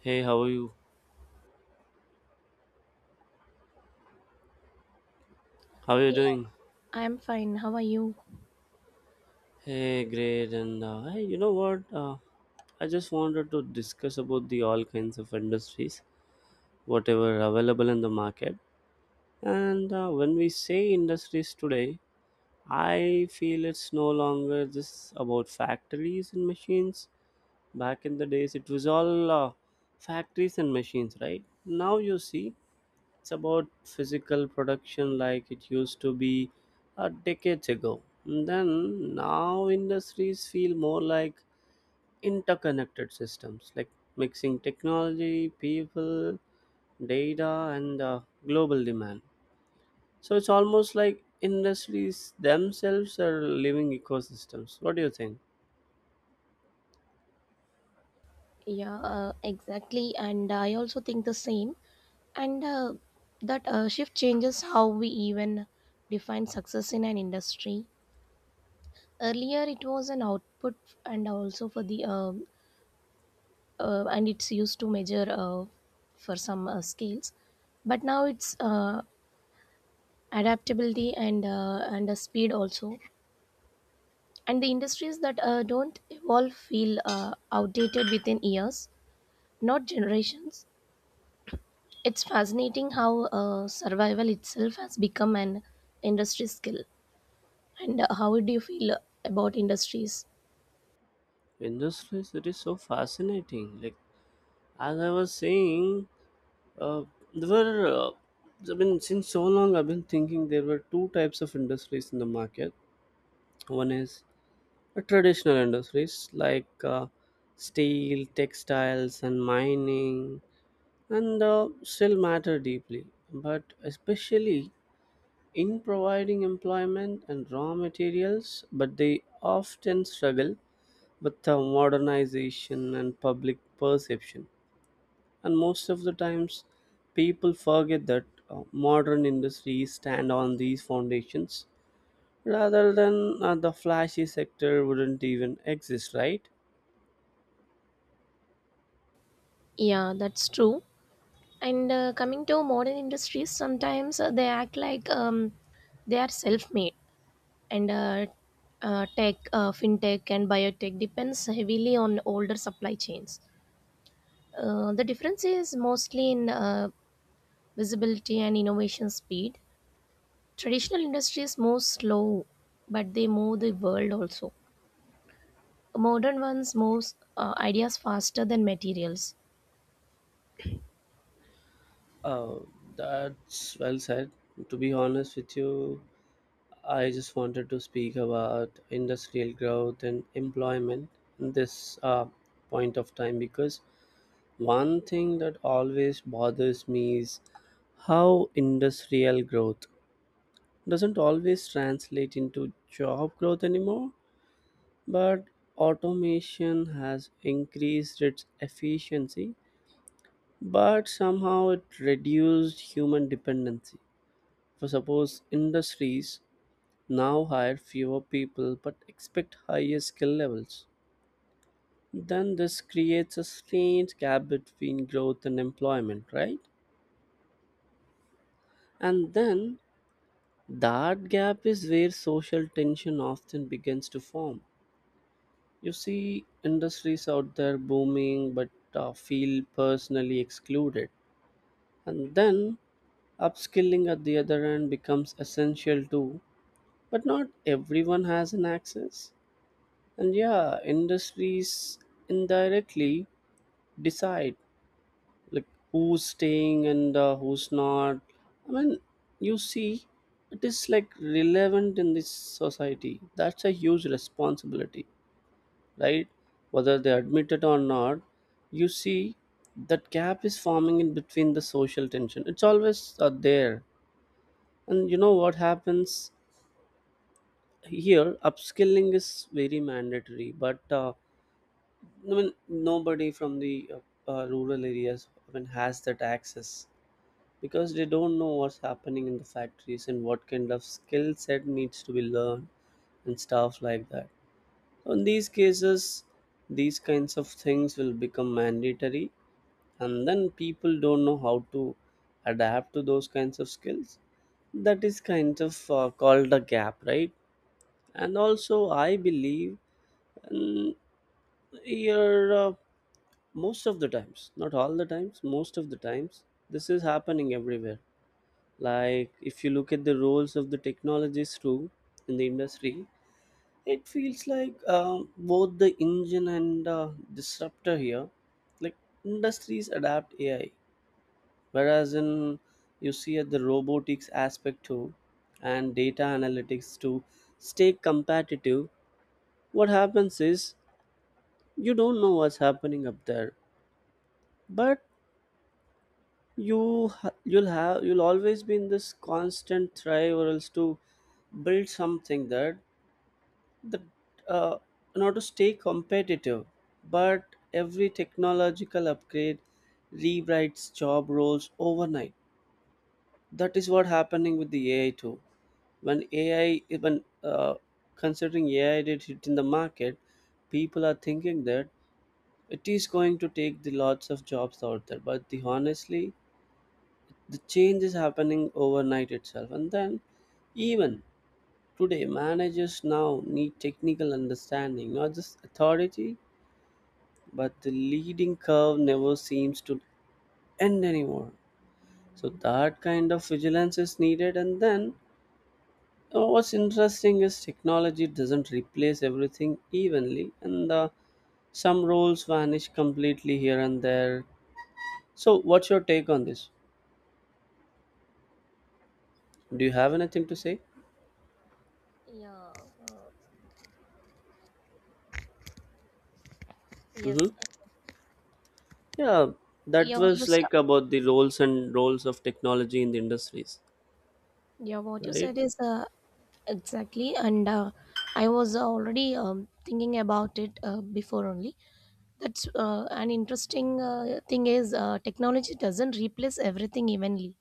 Hey, how are you? How are you Yeah, doing? I'm fine. How are you? Hey, great. And hey, you know what? I just wanted to discuss about the all kinds of industries, whatever available in the market. And when we say industries today, I feel it's no longer just about factories and machines. Back in the days, it was all factories and machines, right? Now you see, it's about physical production like it used to be a decades ago. Then now industries feel more like interconnected systems, like mixing technology, people, data, and global demand. So it's almost like industries themselves are living ecosystems. What do you think? Yeah, exactly. And I also think the same. And that shift changes how we even define success in an industry. Earlier, it was an output, and also for the And it's used to measure for some scales. But now it's adaptability and the speed also. And the industries that don't evolve feel outdated within years, not generations. It's fascinating how survival itself has become an industry skill. And how do you feel about industries? Industries, it is so fascinating. Like As I was saying, uh, there were, I mean, since so long, I've been thinking there were two types of industries in the market. One is a traditional industries like steel, textiles, and mining, and still matter deeply, but especially in providing employment and raw materials, but they often struggle with modernization and public perception, and most of the times people forget that modern industries stand on these foundations, rather than the flashy sector wouldn't even exist, right? Yeah, that's true. And coming to modern industries, sometimes they act like they are self-made. And uh, fintech and biotech depends heavily on older supply chains. The difference is mostly in visibility and innovation speed. Traditional industries move slow, but they move the world also. Modern ones moves ideas faster than materials. Uh, that's well said. To be honest with you, I just wanted to speak about industrial growth and employment in this point of time, because one thing that always bothers me is how industrial growth doesn't always translate into job growth anymore, but automation has increased its efficiency, but somehow it reduced human dependency. For suppose industries now hire fewer people but expect higher skill levels, then this creates a strange gap between growth and employment, right? And then that gap is where social tension often begins to form. You see industries out there booming, but feel personally excluded. And then upskilling at the other end becomes essential too, but not everyone has an access. And yeah, industries indirectly decide, like, who's staying and who's not. I mean, you see, it is like relevant in this society. That's a huge responsibility, right? Whether they admit it or not, you see that gap is forming in between the social tension. It's always there. And you know what happens here? Upskilling is very mandatory, but I mean, nobody from the rural areas even has that access, because they don't know what's happening in the factories and what kind of skill set needs to be learned and stuff like that. In these cases, these kinds of things will become mandatory, and then people don't know how to adapt to those kinds of skills. That is kind of called a gap, right? And also, I believe mm, here most of the times, not all the times, most of the times, this is happening everywhere. Like, if you look at the roles of the technologies too in the industry, it feels like both the engine and disruptor here, like, industries adapt AI, whereas in, you see, at the robotics aspect too, and data analytics to stay competitive. What happens is, you don't know what's happening up there, but you'll have, you'll always be in this constant try or else to build something that the uh, in order to stay competitive, but every technological upgrade rewrites job roles overnight. That is what happening with the AI too. When AI, even considering AI did hit in the market, people are thinking that it is going to take the lots of jobs out there, but the honestly the change is happening overnight itself. And then even today, managers now need technical understanding, not just authority, but the leading curve never seems to end anymore. So that kind of vigilance is needed. And then what's interesting is technology doesn't replace everything evenly, and some roles vanish completely here and there. So, what's your take on this? Do you have anything to say? Yeah. uh, yes. Mm-hmm. Yeah, that Yeah, was like about the roles and roles of technology in the industries, yeah, what you right? said is exactly. And uh, i was already thinking about it before only. That's an interesting thing is Technology doesn't replace everything evenly.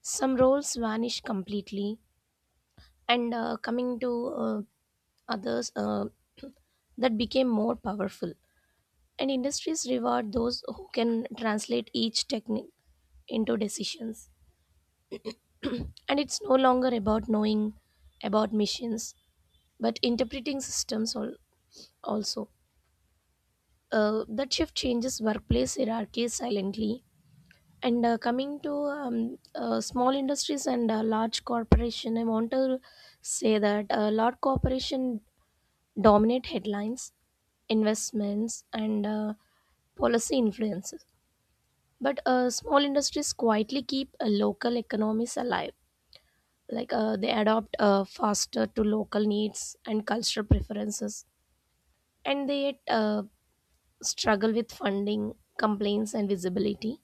Some roles vanish completely. And coming to uh, others That became more powerful, and industries reward those who can translate each technique into decisions. And it's no longer about knowing about machines but interpreting systems also. That shift changes workplace hierarchies silently. And coming to Small industries and large corporation, I want to say that large corporation dominate headlines, investments, and policy influences. But small industries quietly keep local economies alive. Like they adapt faster to local needs and cultural preferences, and they yet struggle with funding, complaints, and visibility.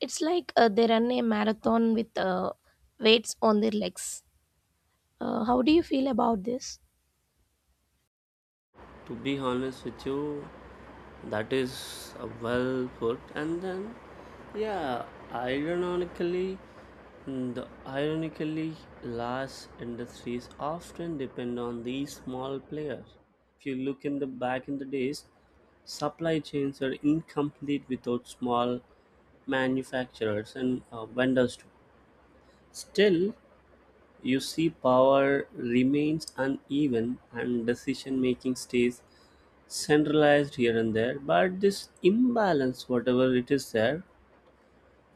It's like they run a marathon with weights on their legs. How do you feel about this? To be honest with you, that is well put. And then, yeah, ironically, mm, the ironically, large industries often depend on these small players. If you look in the back in the days, supply chains are incomplete without small manufacturers and vendors too. Still, you see, power remains uneven and decision making stays centralized here and there, but this imbalance, whatever it is there,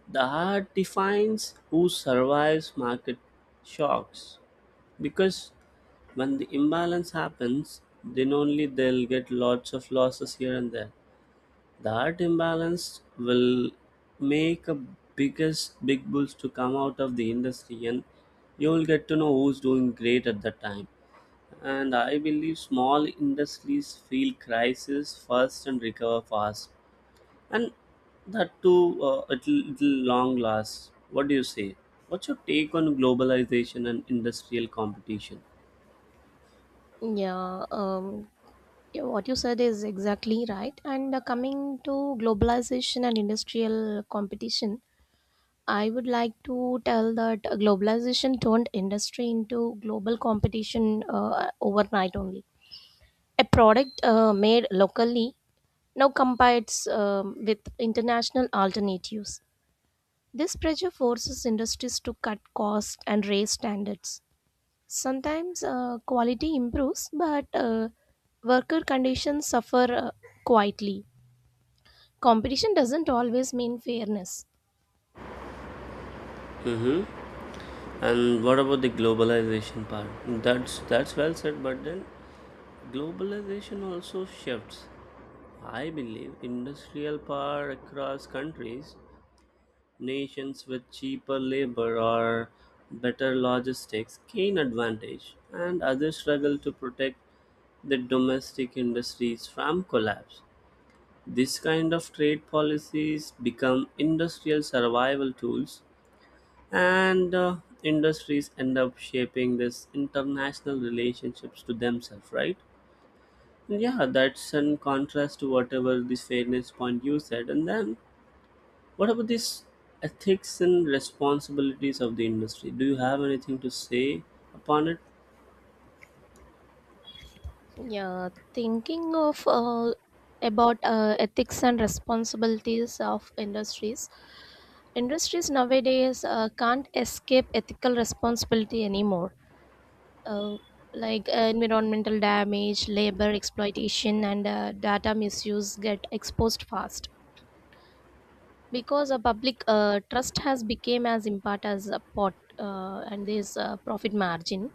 the art defines who survives market shocks, because when the imbalance happens, then only they'll get lots of losses here and there. The art imbalance will make a biggest big bulls to come out of the industry, and you'll get to know who's doing great at that time. And I believe small industries feel crisis first and recover fast. And that too, it'll long last. What do you say? What's your take on globalization and industrial competition? Yeah, yeah, what you said is exactly right. And coming to globalization and industrial competition, I would like to tell that globalization turned industry into global competition overnight only. A product made locally now competes with international alternatives. This pressure forces industries to cut costs and raise standards. Sometimes quality improves, but worker conditions suffer quietly. Competition doesn't always mean fairness. Hmm. And what about the globalization part? That's well said, but then globalization also shifts, I believe, industrial power across countries. Nations with cheaper labor or better logistics gain advantage, and others struggle to protect their domestic industries from collapse. This kind of trade policies become industrial survival tools, and industries end up shaping these international relationships to themselves, right? Yeah, that's in contrast to whatever this fairness point you said. And then what about this ethics and responsibilities of the industry? Do you have anything to say upon it? Yeah, thinking of about ethics and responsibilities of industries. Industries nowadays can't escape ethical responsibility anymore, uh, like environmental damage, labor exploitation, and data misuse get exposed fast, because a public trust has become as important as a pot and this profit margin.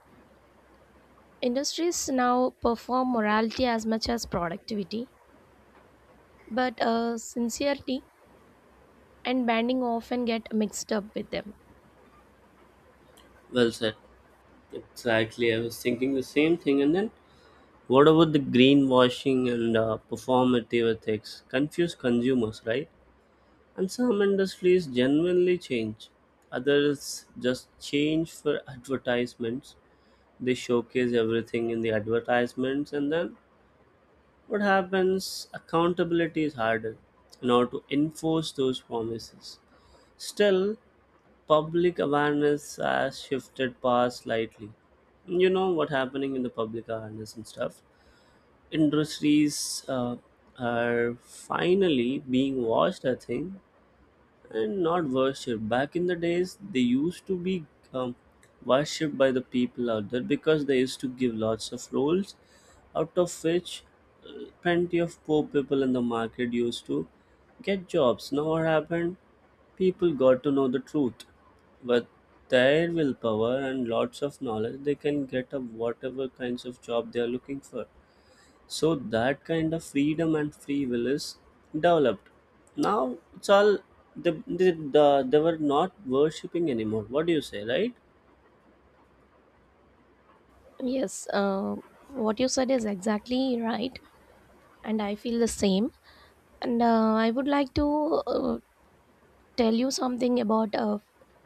Industries now perform morality as much as productivity, but sincerity and banding often get mixed up with them. Well said. Exactly. I was thinking the same thing. And then, what about the greenwashing and performative ethics? Confuse consumers, right? And some industries genuinely change, others just change for advertisements. They showcase everything in the advertisements, and then what happens? Accountability is harder in order to enforce those promises. Still, public awareness has shifted past slightly. You know what happening in the public awareness and stuff. Industries are finally being watched, I think, and not worship. Back in the days, they used to be um, worshipped by the people out there, because they used to give lots of rolls, out of which plenty of poor people in the market used to get jobs. Now, what happened? People got to know the truth. With their willpower and lots of knowledge, they can get up whatever kinds of job they are looking for. So that kind of freedom and free will is developed. Now it's all the they were not worshipping anymore. What do you say, right? Yes, what you said is exactly right, and I feel the same. And I would like to tell you something about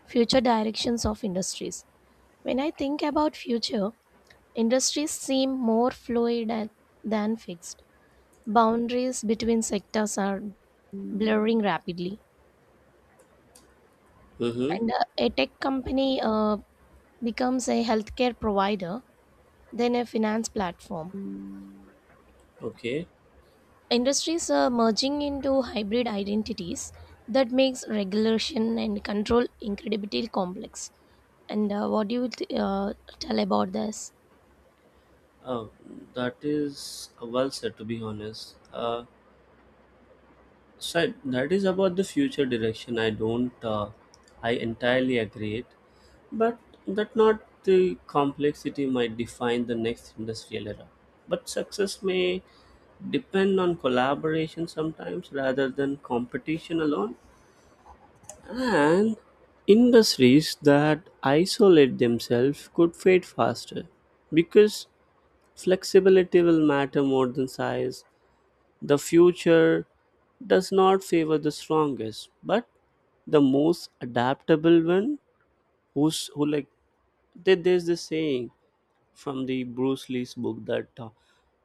future directions of industries. When I think about future, industries seem more fluid than fixed. Boundaries between sectors are blurring rapidly, Mm-hmm. and a tech company becomes a healthcare provider than a finance platform. Okay. Industries are merging into hybrid identities that makes regulation and control incredibly complex. And what do you th- Tell about this? uh, that is well said. To be honest, so that is about the future direction. I don't. I entirely agree it, but that not the complexity might define the next industrial era. But success may depend on collaboration sometimes rather than competition alone. And industries that isolate themselves could fade faster, because flexibility will matter more than size. The future does not favor the strongest, but the most adaptable one, who's, who, like, there's this saying from the Bruce Lee's book that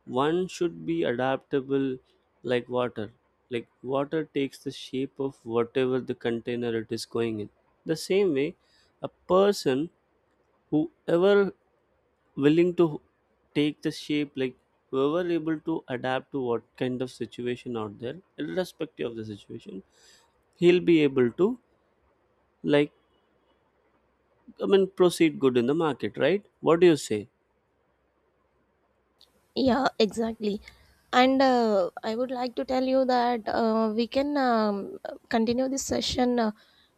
one should be adaptable like water. Like, water takes the shape of whatever the container it is going in. The same way, a person whoever willing to take the shape, like, we were able to adapt to what kind of situation out there irrespective of the situation, he'll be able to, like, I mean, proceed good in the market, right? What do you say? Yeah, exactly. And I would like to tell you that we can continue this session.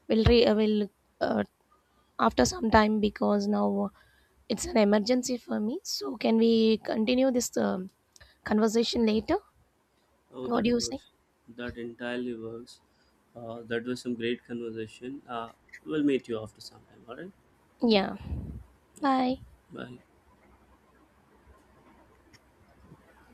We'll re- will uh, After some time, because now it's an emergency for me. So can we continue this conversation later? Oh, What that do you say? works. That entirely works. That was some great conversation. We'll meet you after some time. All right, Yeah. Bye. bye.